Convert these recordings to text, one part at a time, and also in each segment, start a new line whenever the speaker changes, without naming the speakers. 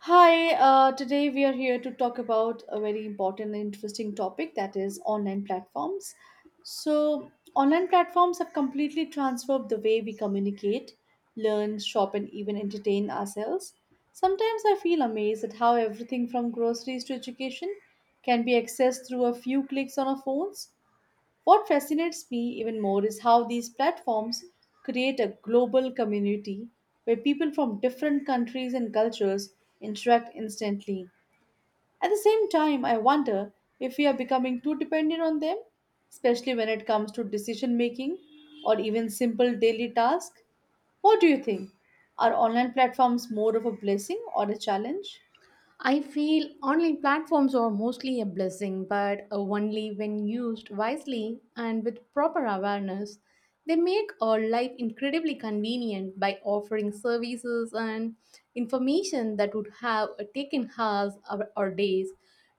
Hi, today we are here to talk about a very important and interesting topic that is online platforms. So, online platforms have completely transformed the way we communicate, learn, shop, and even entertain ourselves. Sometimes I feel amazed at how everything from groceries to education can be accessed through a few clicks on our phones. What fascinates me even more is how these platforms create a global community where people from different countries and cultures interact instantly. At the same time, I wonder if we are becoming too dependent on them, especially when it comes to decision making or even simple daily tasks. What do you think? Are online platforms more of a blessing or a challenge?
I feel online platforms are mostly a blessing, but only when used wisely and with proper awareness. They make our life incredibly convenient by offering services and information that would have taken hours or days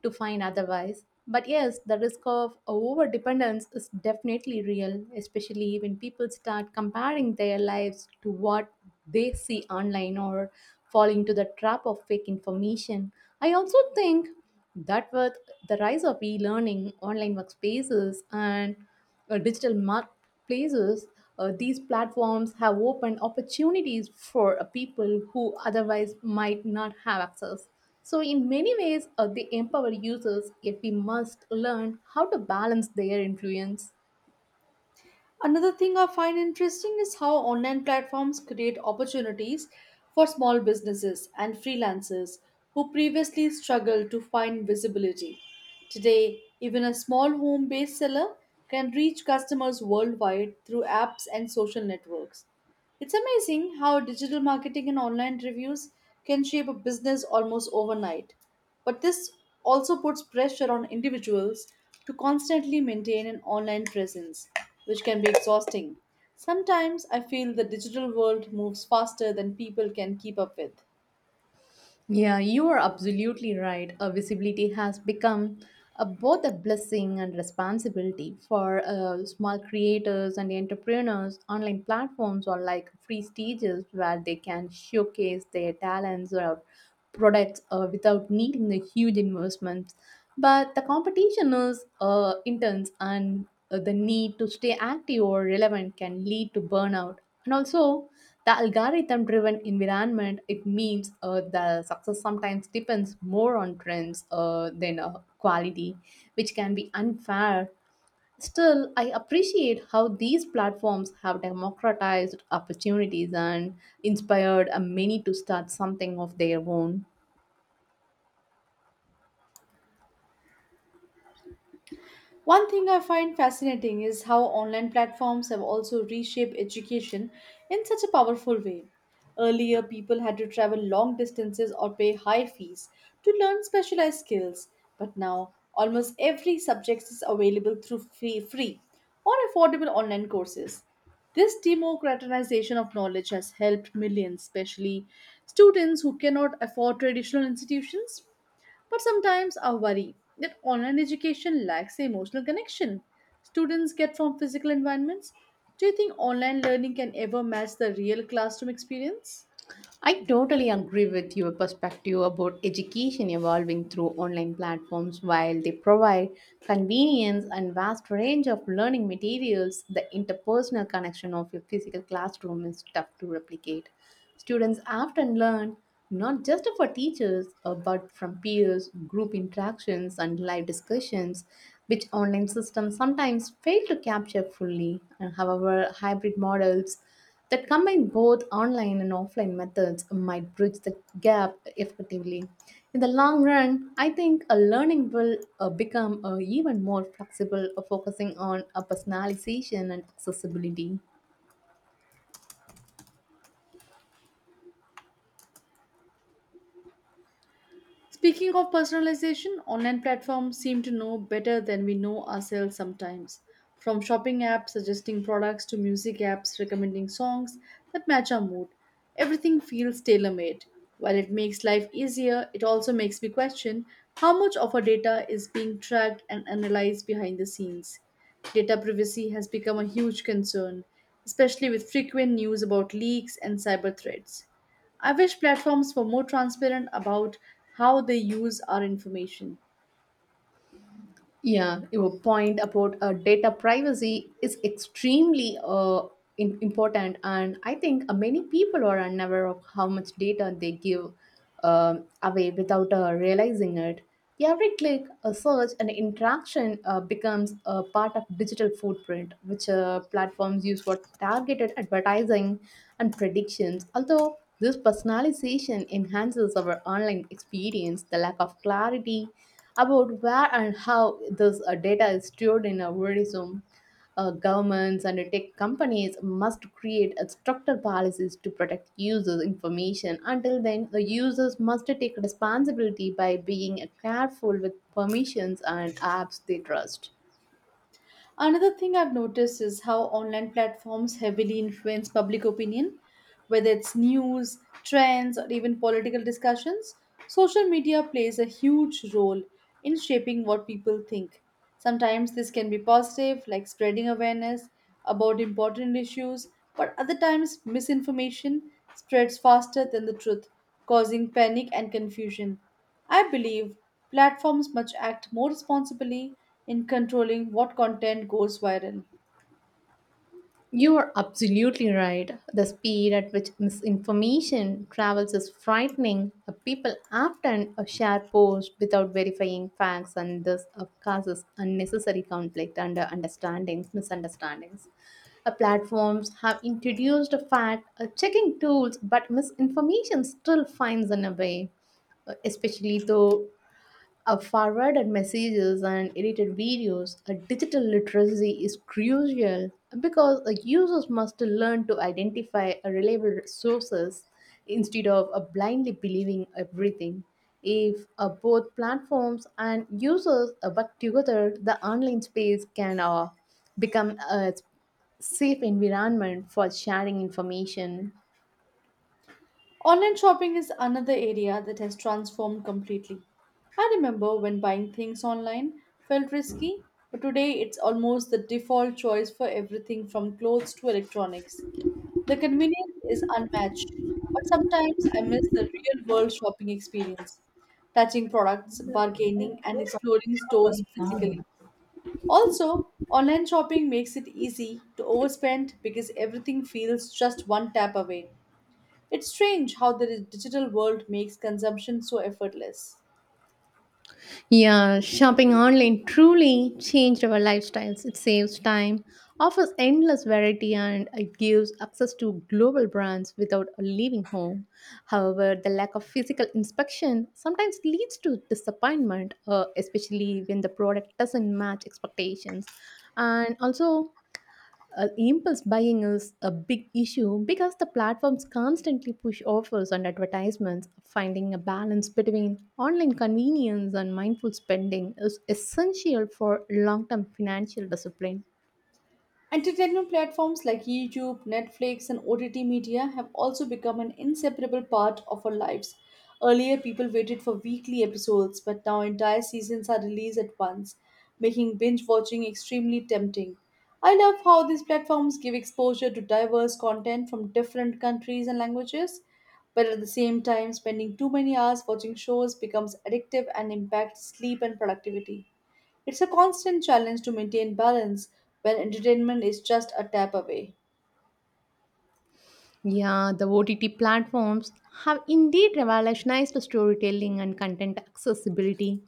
to find otherwise. But yes, the risk of over dependence is definitely real, especially when people start comparing their lives to what they see online or fall into the trap of fake information. I also think that with the rise of e learning, online workspaces, and digital marketplaces, these platforms have opened opportunities for people who otherwise might not have access. So, in many ways, they empower users, yet we must learn how to balance their influence.
Another thing I find interesting is how online platforms create opportunities for small businesses and freelancers who previously struggled to find visibility. Today, even a small home based seller can reach customers worldwide through apps and social networks. It's amazing how digital marketing and online reviews can shape a business almost overnight. But this also puts pressure on individuals to constantly maintain an online presence, which can be exhausting. Sometimes I feel the digital world moves faster than people can keep up with.
Yeah, you are absolutely right. Visibility has become both a blessing and responsibility for small creators and entrepreneurs. Online platforms are like free stages where they can showcase their talents or products without needing the huge investments. But the competition is intense, and the need to stay active or relevant can lead to burnout, and also the algorithm driven environment it means the success sometimes depends more on trends than quality, which can be unfair. Still, I appreciate how these platforms have democratized opportunities and inspired many to start something of their own.
One thing I find fascinating is how online platforms have also reshaped education in such a powerful way. Earlier, people had to travel long distances or pay high fees to learn specialized skills, but now almost every subject is available through free or affordable online courses. This democratization of knowledge has helped millions, especially students who cannot afford traditional institutions. But sometimes I worry that online education lacks the emotional connection students get from physical environments. Do you think online learning can ever match the real classroom experience?
I totally agree with your perspective about education evolving through online platforms. While they provide convenience and vast range of learning materials, the interpersonal connection of a physical classroom is tough to replicate. Students often learn not just for teachers but from peers, group interactions, and live discussions, which online systems sometimes fail to capture fully. And however, hybrid models that combine both online and offline methods might bridge the gap effectively. In the long run, I think a learning will become even more flexible, focusing on personalization and accessibility.
Speaking of personalization, online platforms seem to know better than we know ourselves sometimes. From shopping apps suggesting products to music apps recommending songs that match our mood, everything feels tailor made. While it makes life easier, it also makes me question how much of our data is being tracked and analyzed behind the scenes. Data privacy has become a huge concern, especially with frequent news about leaks and cyber threats. I wish platforms were more transparent about how they use our information.
Yeah, your point about data privacy is extremely important, and I think many people are unaware of how much data they give away without realizing it. Every click, a search, and interaction becomes a part of digital footprint, which platforms use for targeted advertising and predictions. Although this personalization enhances our online experience, the lack of clarity about where and how this data is stored in our tourism. Governments and tech companies must create a structured policies to protect users' information. Until then, the users must take responsibility by being careful with permissions and apps they trust.
Another thing I've noticed is how online platforms heavily influence public opinion, whether it's news, trends, or even political discussions. Social media plays a huge role in shaping what people think. Sometimes this can be positive, like spreading awareness about important issues, but other times misinformation spreads faster than the truth, causing panic and confusion. I believe platforms must act more responsibly in controlling what content goes viral.
You are absolutely right. The speed at which misinformation travels is frightening. People often share posts without verifying facts, and this causes unnecessary conflict and misunderstandings. Platforms have introduced fact checking tools, but misinformation still finds an way, especially though a forwarded messages and edited videos, a digital literacy is crucial because users must learn to identify a reliable sources instead of blindly believing everything. If both platforms and users work together, the online space can become a safe environment for sharing information.
Online shopping is another area that has transformed completely. I remember when buying things online felt risky, but today it's almost the default choice for everything from clothes to electronics. The convenience is unmatched, but sometimes I miss the real world shopping experience touching products, bargaining, and exploring stores physically. Also, online shopping makes it easy to overspend because everything feels just one tap away. It's strange how the digital world makes consumption so effortless.
Yeah, shopping online truly changed our lifestyles. It saves time, offers endless variety, and it gives access to global brands without leaving home. However, the lack of physical inspection sometimes leads to disappointment, especially when the product doesn't match expectations. And also, impulse buying is a big issue because the platforms constantly push offers and advertisements. Finding a balance between online convenience and mindful spending is essential for long term financial discipline.
Entertainment platforms like YouTube, Netflix, and OTT media have also become an inseparable part of our lives. Earlier, people waited for weekly episodes, but now entire seasons are released at once, making binge watching extremely tempting. I love how these platforms give exposure to diverse content from different countries and languages, but at the same time, spending too many hours watching shows becomes addictive and impacts sleep and productivity. It's a constant challenge to maintain balance when entertainment is just a tap away.
Yeah, the OTT platforms have indeed revolutionized storytelling and content accessibility.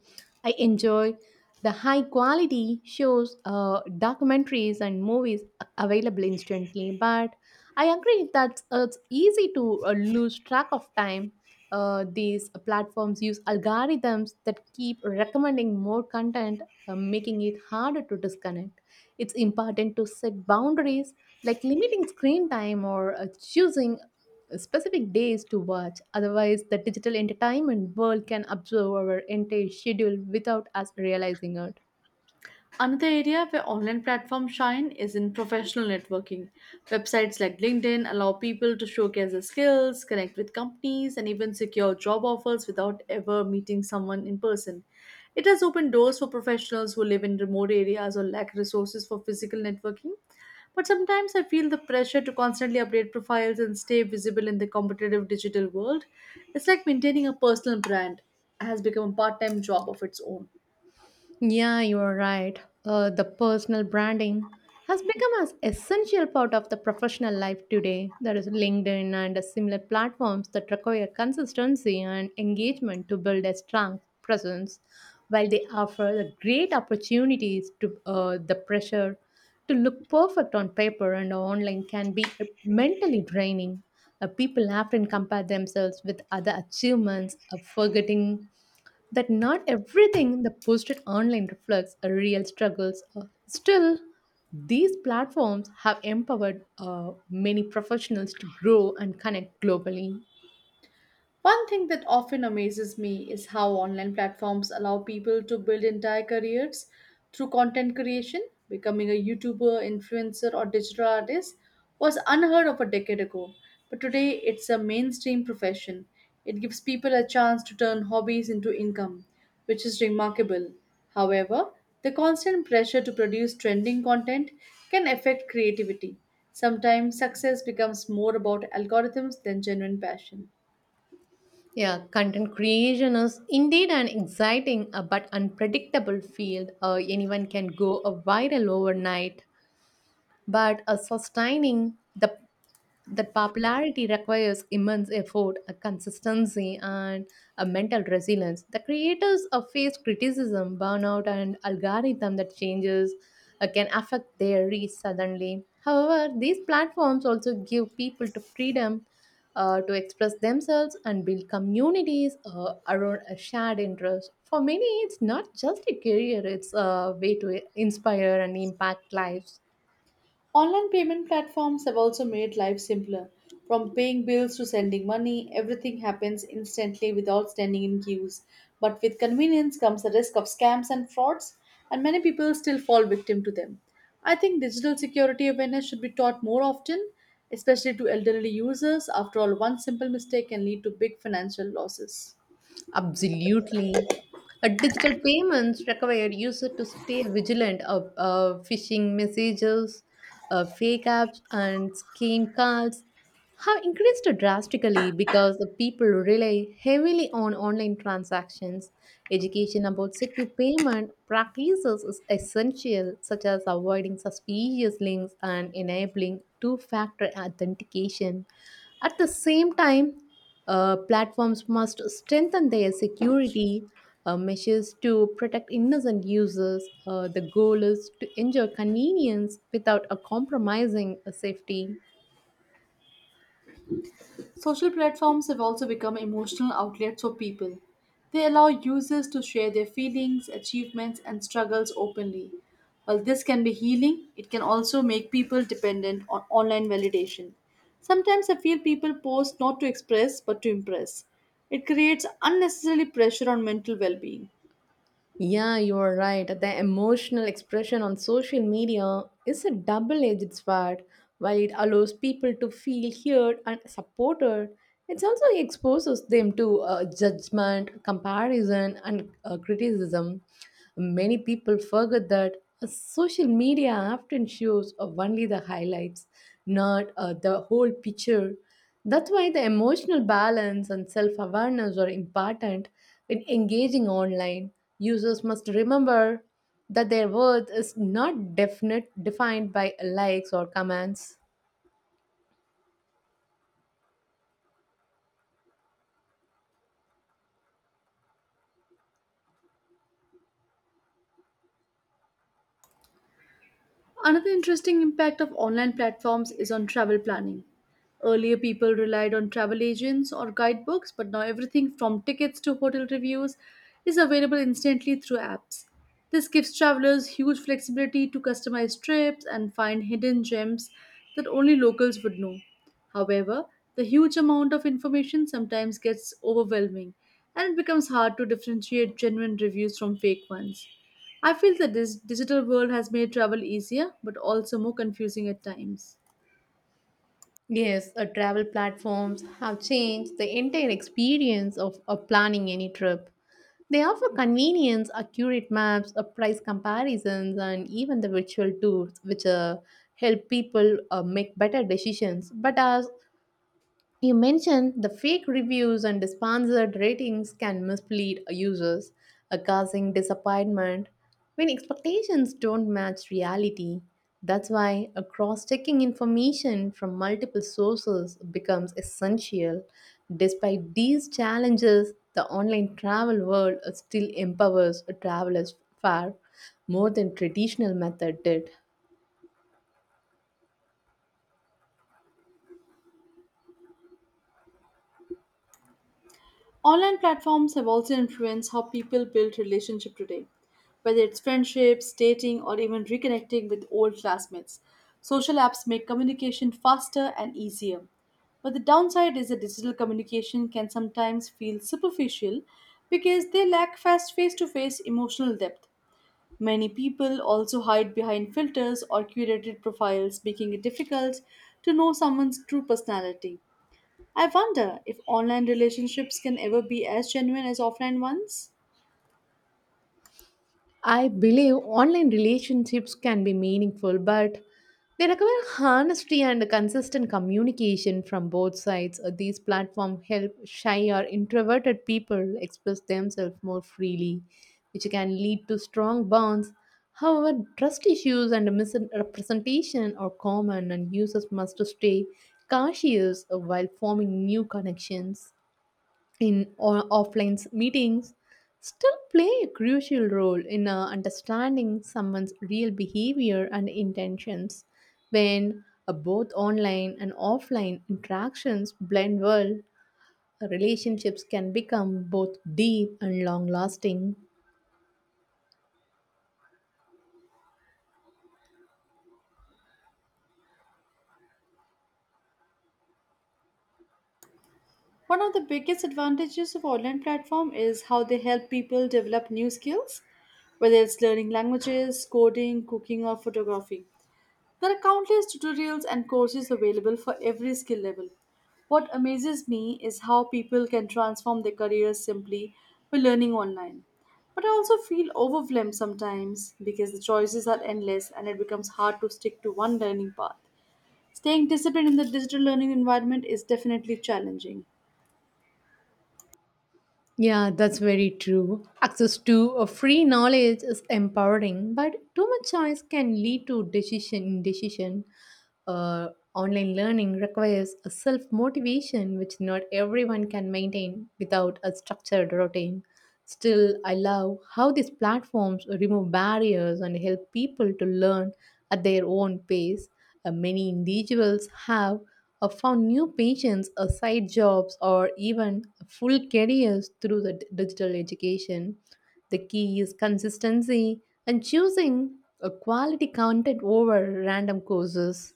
I enjoy the high quality shows, documentaries, and movies available instantly, but I agree that it's easy to lose track of time. These platforms use algorithms that keep recommending more content, making it harder to disconnect. It's important to set boundaries like limiting screen time or choosing specific days to watch. Otherwise, the digital entertainment world can absorb our entire schedule without us realizing it.
Another area where online platforms shine is in professional networking. Websites like LinkedIn allow people to showcase their skills, connect with companies, and even secure job offers without ever meeting someone in person. It has opened doors for professionals who live in remote areas or lack resources for physical networking. But sometimes I feel the pressure to constantly update profiles and stay visible in the competitive digital world. It's like maintaining a personal brand has become a part time job of its own.
Yeah, you are right. The personal branding has become as essential part of the professional life today. There is LinkedIn and similar platforms that require consistency and engagement to build a strong presence, while they offer the great opportunities to the pressure to look perfect on paper and online can be mentally draining. People often compare themselves with other achievements, forgetting that not everything that posted online reflects a real struggles. Still, these platforms have empowered many professionals to grow and connect globally.
One thing that often amazes me is how online platforms allow people to build entire careers through content creation. Becoming a YouTuber, influencer, or digital artist was unheard of a decade ago, but today it's a mainstream profession. It gives people a chance to turn hobbies into income, which is remarkable. However, the constant pressure to produce trending content can affect creativity. Sometimes success becomes more about algorithms than genuine passion.
Yeah, content creation is indeed an exciting but unpredictable field. Anyone can go a viral overnight. But sustaining the that popularity requires immense effort, a consistency, and a mental resilience. The creators face criticism, burnout, and algorithm that changes can affect their reach suddenly. However, these platforms also give people the freedom to express themselves and build communities around a shared interest. For many, it's not just a career; it's a way to inspire and impact lives.
Online payment platforms have also made life simpler. From paying bills to sending money, everything happens instantly without standing in queues. But with convenience comes the risk of scams and frauds, and many people still fall victim to them. I think digital security awareness should be taught more often, especially to elderly users. After all, one simple mistake can lead to big financial losses.
Absolutely. Digital payments require users to stay vigilant of phishing messages, fake apps, and scam calls have increased drastically because the people rely heavily on online transactions. Education about secure payment practices is essential, such as avoiding suspicious links and enabling two factor authentication. At the same time, platforms must strengthen their security measures to protect innocent users. The goal is to ensure convenience without compromising safety.
Social platforms have also become emotional outlets for people. They allow users to share their feelings, achievements, and struggles openly. While this can be healing, it can also make people dependent on online validation. Sometimes I feel people post not to express but to impress. It creates unnecessary pressure on mental well being.
Yeah, you are right. The emotional expression on social media is a double edged sword. While it allows people to feel heard and supported, it also exposes them to judgment, comparison, and criticism. Many people forget that social media often shows only the highlights, not the whole picture. That's why the emotional balance and self awareness are important when engaging online. Users must remember that their worth is not defined by likes or comments.
Another interesting impact of online platforms is on travel planning. Earlier, people relied on travel agents or guidebooks, but now everything from tickets to hotel reviews is available instantly through apps. This gives travelers huge flexibility to customize trips and find hidden gems that only locals would know. However, the huge amount of information sometimes gets overwhelming and it becomes hard to differentiate genuine reviews from fake ones. I feel that this digital world has made travel easier but also more confusing at times.
Yes, travel platforms have changed the entire experience of planning any trip. They offer convenience, accurate maps, price comparisons, and even the virtual tours, which help people make better decisions. But as you mentioned, the fake reviews and sponsored ratings can mislead users, causing disappointment when expectations don't match reality. That's why a cross-checking information from multiple sources becomes essential. Despite these challenges, the online travel world still empowers travelers far more than traditional method did.
Online platforms have also influenced how people build relationships today, whether it's friendships, dating, or even reconnecting with old classmates. Social apps make communication faster and easier. But the downside is that digital communication can sometimes feel superficial because they lack fast face to face emotional depth. Many people also hide behind filters or curated profiles, making it difficult to know someone's true personality. I wonder if online relationships can ever be as genuine as offline ones.
I believe online relationships can be meaningful, but they require honesty and consistent communication from both sides. These platforms help shy or introverted people express themselves more freely, which can lead to strong bonds. However, trust issues and misrepresentation are common, and users must stay cautious while forming new connections. In offline meetings still play a crucial role in understanding someone's real behavior and intentions. When both online and offline interactions blend well, relationships can become both deep and long lasting.
One of the biggest advantages of online platform is how they help people develop new skills, whether it's learning languages, coding, cooking or photography. There are countless tutorials and courses available for every skill level. What amazes me is how people can transform their careers simply by learning online. But I also feel overwhelmed sometimes because the choices are endless and it becomes hard to stick to one learning path. Staying disciplined in the digital learning environment is definitely challenging.
Yeah, that's very true. Access to free knowledge is empowering, but too much choice can lead to decision indecision. Online learning requires a self motivation, which not everyone can maintain without a structured routine. Still, I love how these platforms remove barriers and help people to learn at their own pace. Many individuals have found new patients, side jobs, or even full careers through the digital education. The key is consistency and choosing a quality content over random courses.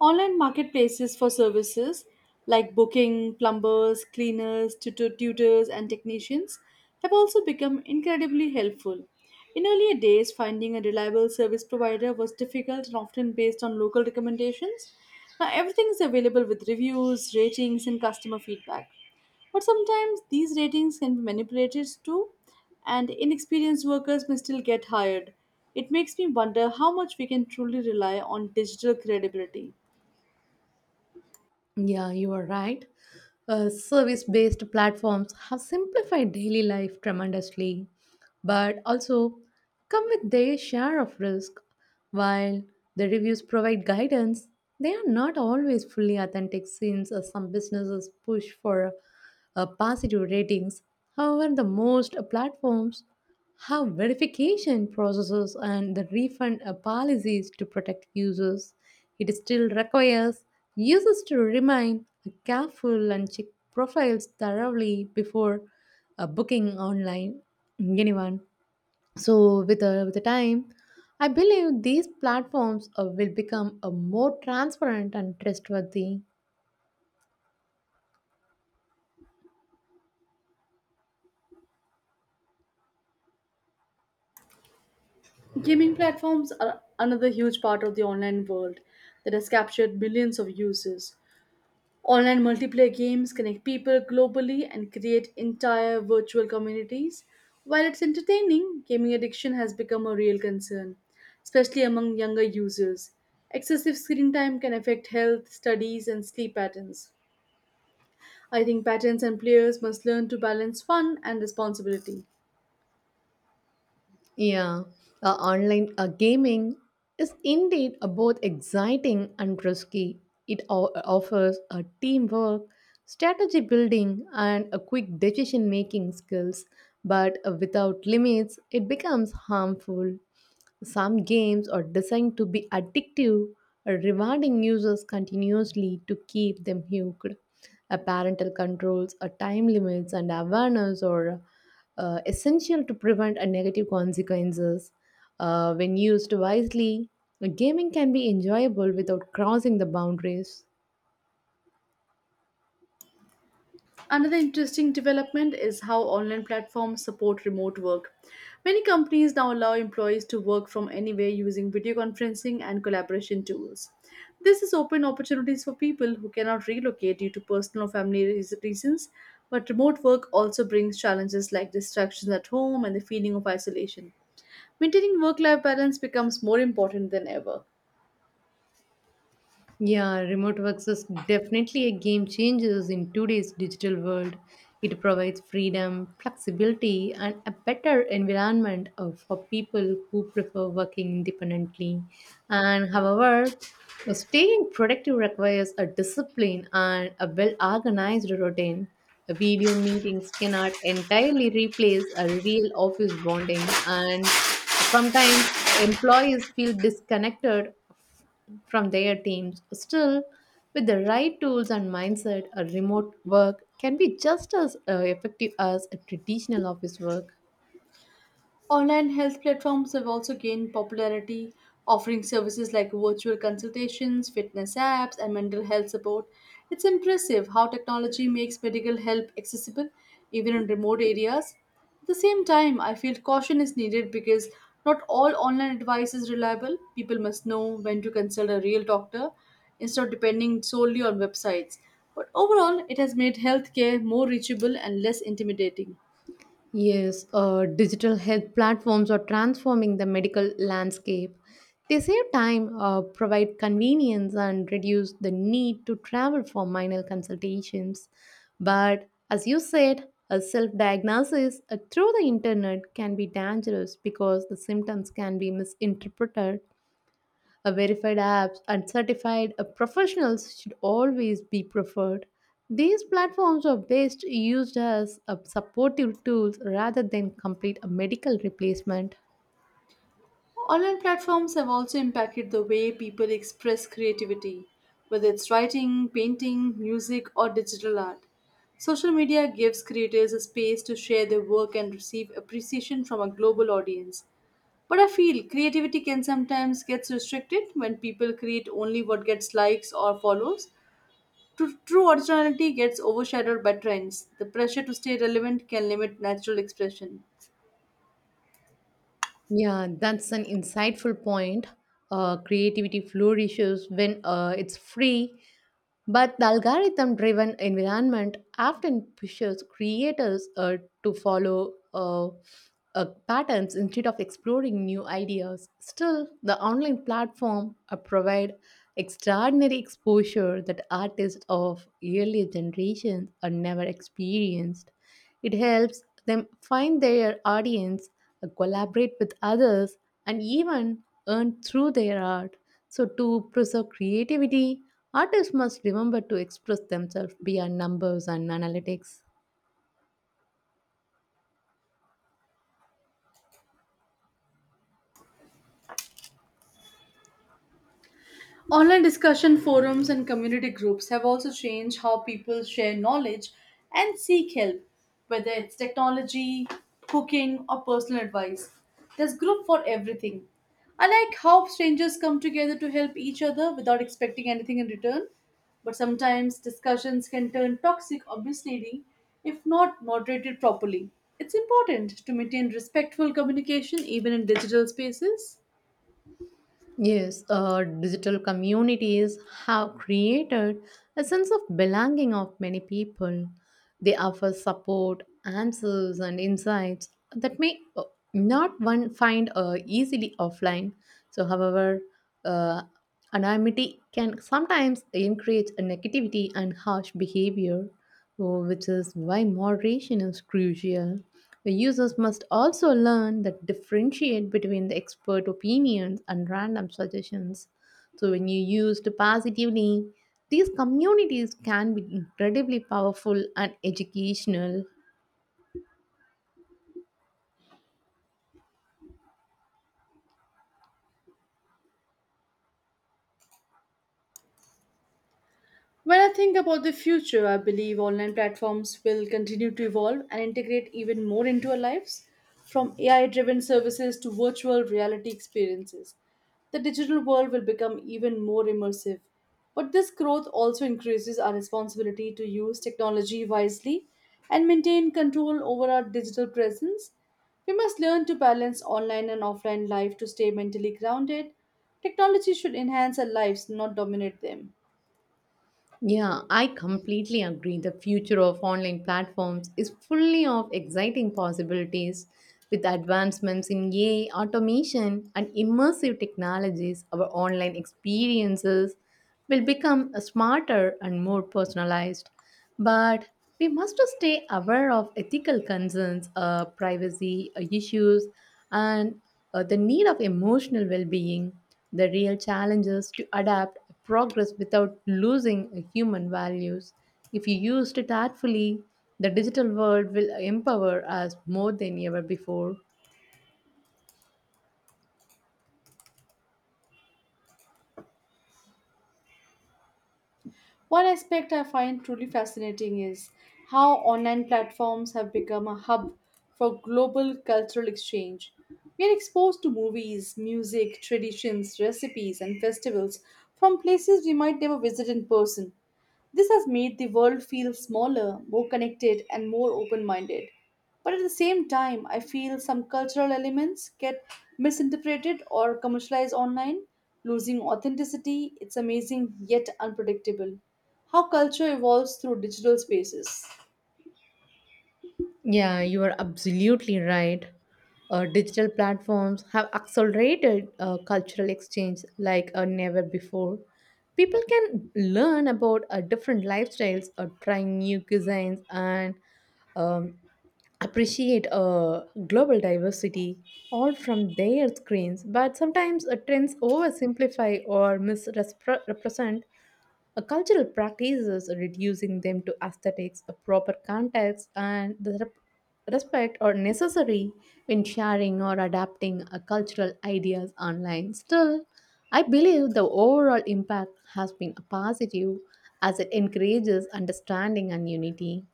Online marketplaces for services like booking, plumbers, cleaners, tutors, and technicians have also become incredibly helpful. In earlier days, finding a reliable service provider was difficult and often based on local recommendations. Now, everything is available with reviews, ratings, and customer feedback. But sometimes these ratings can be manipulated too, and inexperienced workers may still get hired. It makes me wonder how much we can truly rely on digital credibility.
Yeah, you are right. Service based platforms have simplified daily life tremendously, but also come with their share of risk. While the reviews provide guidance, they are not always fully authentic since some businesses push for positive ratings. However, the most platforms have verification processes and the refund policies to protect users. It still requires users to remain careful and check profiles thoroughly before booking online anyone. So with the time, I believe these platforms will become more transparent and trustworthy.
Gaming platforms are another huge part of the online world that has captured millions of users. Online multiplayer games connect people globally and create entire virtual communities. While it's entertaining, gaming addiction has become a real concern, especially among younger users. Excessive screen time can affect health, studies, and sleep patterns. I think patents and players must learn to balance fun and responsibility.
Yeah, online gaming is indeed both exciting and risky. It offers a teamwork, strategy building, and a quick decision making skills, but without limits, it becomes harmful. Some games are designed to be addictive, rewarding users continuously to keep them hooked. Parental controls, time limits, and awareness or essential to prevent a negative consequences. When used wisely, gaming can be enjoyable without crossing the boundaries.
Another interesting development is how online platforms support remote work. Many companies now allow employees to work from anywhere using video conferencing and collaboration tools. This has opened opportunities for people who cannot relocate due to personal or family reasons, but remote work also brings challenges like distractions at home and the feeling of isolation. Maintaining work life balance becomes more important than ever.
Yeah, remote work is definitely a game changer in today's digital world. It provides freedom, flexibility, and a better environment for people who prefer working independently. And however, staying productive requires a discipline and a well organized routine. Video meetings cannot entirely replace a real office bonding, and sometimes employees feel disconnected from their teams. Still, with the right tools and mindset, a remote work can be just as effective as a traditional office work.
Online health platforms have also gained popularity, offering services like virtual consultations, fitness apps, and mental health support. It's impressive how technology makes medical help accessible even in remote areas. At the same time, I feel caution is needed because not all online advice is reliable. People must know when to consult a real doctor instead of depending solely on websites. But overall, it has made healthcare more reachable and less intimidating.
Yes, digital health platforms are transforming the medical landscape. They save time, provide convenience, and reduce the need to travel for minor consultations. But as you said, a self diagnosis through the internet can be dangerous because the symptoms can be misinterpreted. A verified apps and certified professionals should always be preferred. These platforms are best used as supportive tools rather than complete a medical replacement.
Online platforms have also impacted the way people express creativity, whether it's writing, painting, music, or digital art. Social media gives creators a space to share their work and receive appreciation from a global audience. But I feel creativity can sometimes get restricted when people create only what gets likes or follows. True originality gets overshadowed by trends. The pressure to stay relevant can limit natural expression.
Yeah, that's an insightful point. Creativity flourishes when it's free, but the algorithm driven environment often pushes creators to follow patterns instead of exploring new ideas. Still, the online platform provide extraordinary exposure that artists of earlier generations are never experienced. It helps them find their audience, collaborate with others, and even earn through their art. So, to preserve creativity, artists must remember to express themselves beyond numbers and analytics.
Online discussion forums and community groups have also changed how people share knowledge and seek help, whether it's technology, cooking, or personal advice. There's group for everything. I like how strangers come together to help each other without expecting anything in return, but sometimes discussions can turn toxic or misleading if not moderated properly. It's important to maintain respectful communication even in digital spaces.
Yes, digital communities have created a sense of belonging of many people. They offer support, answers, and insights that may not one find easily offline. So, however, uh, anonymity can sometimes encourage a negativity and harsh behavior, oh, which is why moderation is crucial. The users must also learn that differentiate between the expert opinions and random suggestions. So when you used positively, these communities can be incredibly powerful and educational.
When I think about the future, I believe online platforms will continue to evolve and integrate even more into our lives, from AI driven services to virtual reality experiences. The digital world will become even more immersive. But this growth also increases our responsibility to use technology wisely and maintain control over our digital presence. We must learn to balance online and offline life to stay mentally grounded. Technology should enhance our lives, not dominate them.
Yeah, I completely agree. The future of online platforms is fully of exciting possibilities. With advancements in AI, automation, and immersive technologies, our online experiences will become smarter and more personalized. But we must stay aware of ethical concerns, privacy issues, and the need of emotional well being. The real challenge is to adapt progress without losing human values. If you used it artfully, the digital world will empower us more than ever before.
One aspect I find truly fascinating is how online platforms have become a hub for global cultural exchange. We are exposed to movies, music, traditions, recipes, and festivals from places we might never visit in person. This has made the world feel smaller, more connected, and more open minded. But at the same time, I feel some cultural elements get misinterpreted or commercialized online, losing authenticity. It's amazing yet unpredictable how culture evolves through digital spaces.
Yeah, you are absolutely right. Digital platforms have accelerated cultural exchange like never before. People can learn about different lifestyles, try new cuisines, and um, appreciate global diversity all from their screens. But sometimes trends oversimplify or misrepresent a cultural practices reducing them to aesthetics, a proper context, and the respect are necessary when sharing or adapting a cultural ideas online. Still, I believe the overall impact has been positive as it encourages understanding and unity.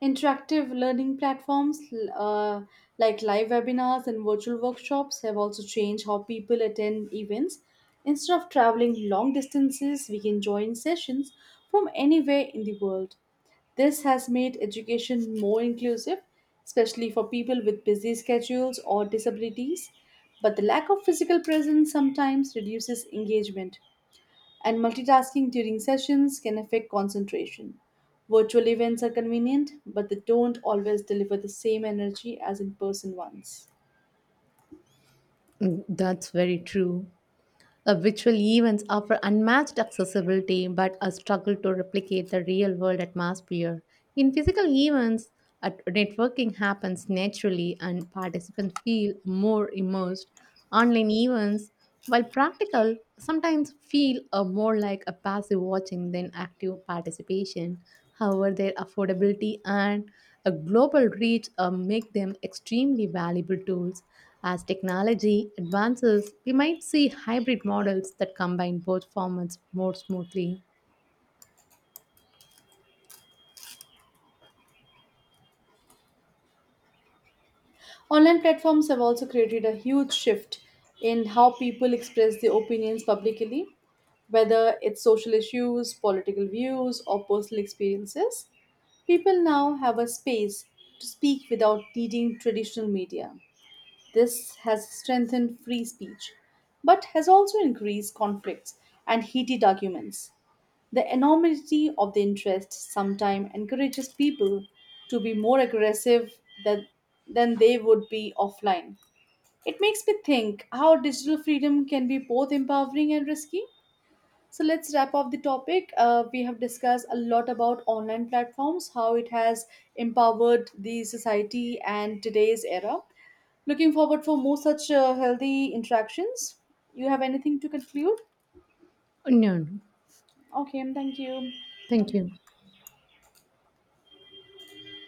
Interactive learning platforms like live webinars and virtual workshops have also changed how people attend events. Instead of traveling long distances, we can join sessions from anywhere in the world. This has made education more inclusive, especially for people with busy schedules or disabilities. But the lack of physical presence sometimes reduces engagement and multitasking during sessions can affect concentration. Virtual events are convenient, but they don't always deliver the same energy as in person ones.
Mm, that's very true. Virtual events offer unmatched accessibility but a struggle to replicate the real world atmosphere. In physical events, networking happens naturally and participants feel more immersed. Online events, while practical, sometimes feel more like a passive watching than active participation. However, their affordability and a global reach make them extremely valuable tools. As technology advances, we might see hybrid models that combine both formats more smoothly.
Online platforms have also created a huge shift in how people express their opinions publicly, whether it's social issues, political views, or personal experiences. People now have a space to speak without needing traditional media. This has strengthened free speech, but has also increased conflicts and heated arguments. The enormity of the interest sometimes encourages people to be more aggressive than they would be offline. It makes me think how digital freedom can be both empowering and risky. So let's wrap up the topic. We have discussed a lot about online platforms, how it has empowered the society and today's era. Looking forward for more such healthy interactions. You have anything to conclude?
No, no.
Okay, thank you.
Thank
Um,
you.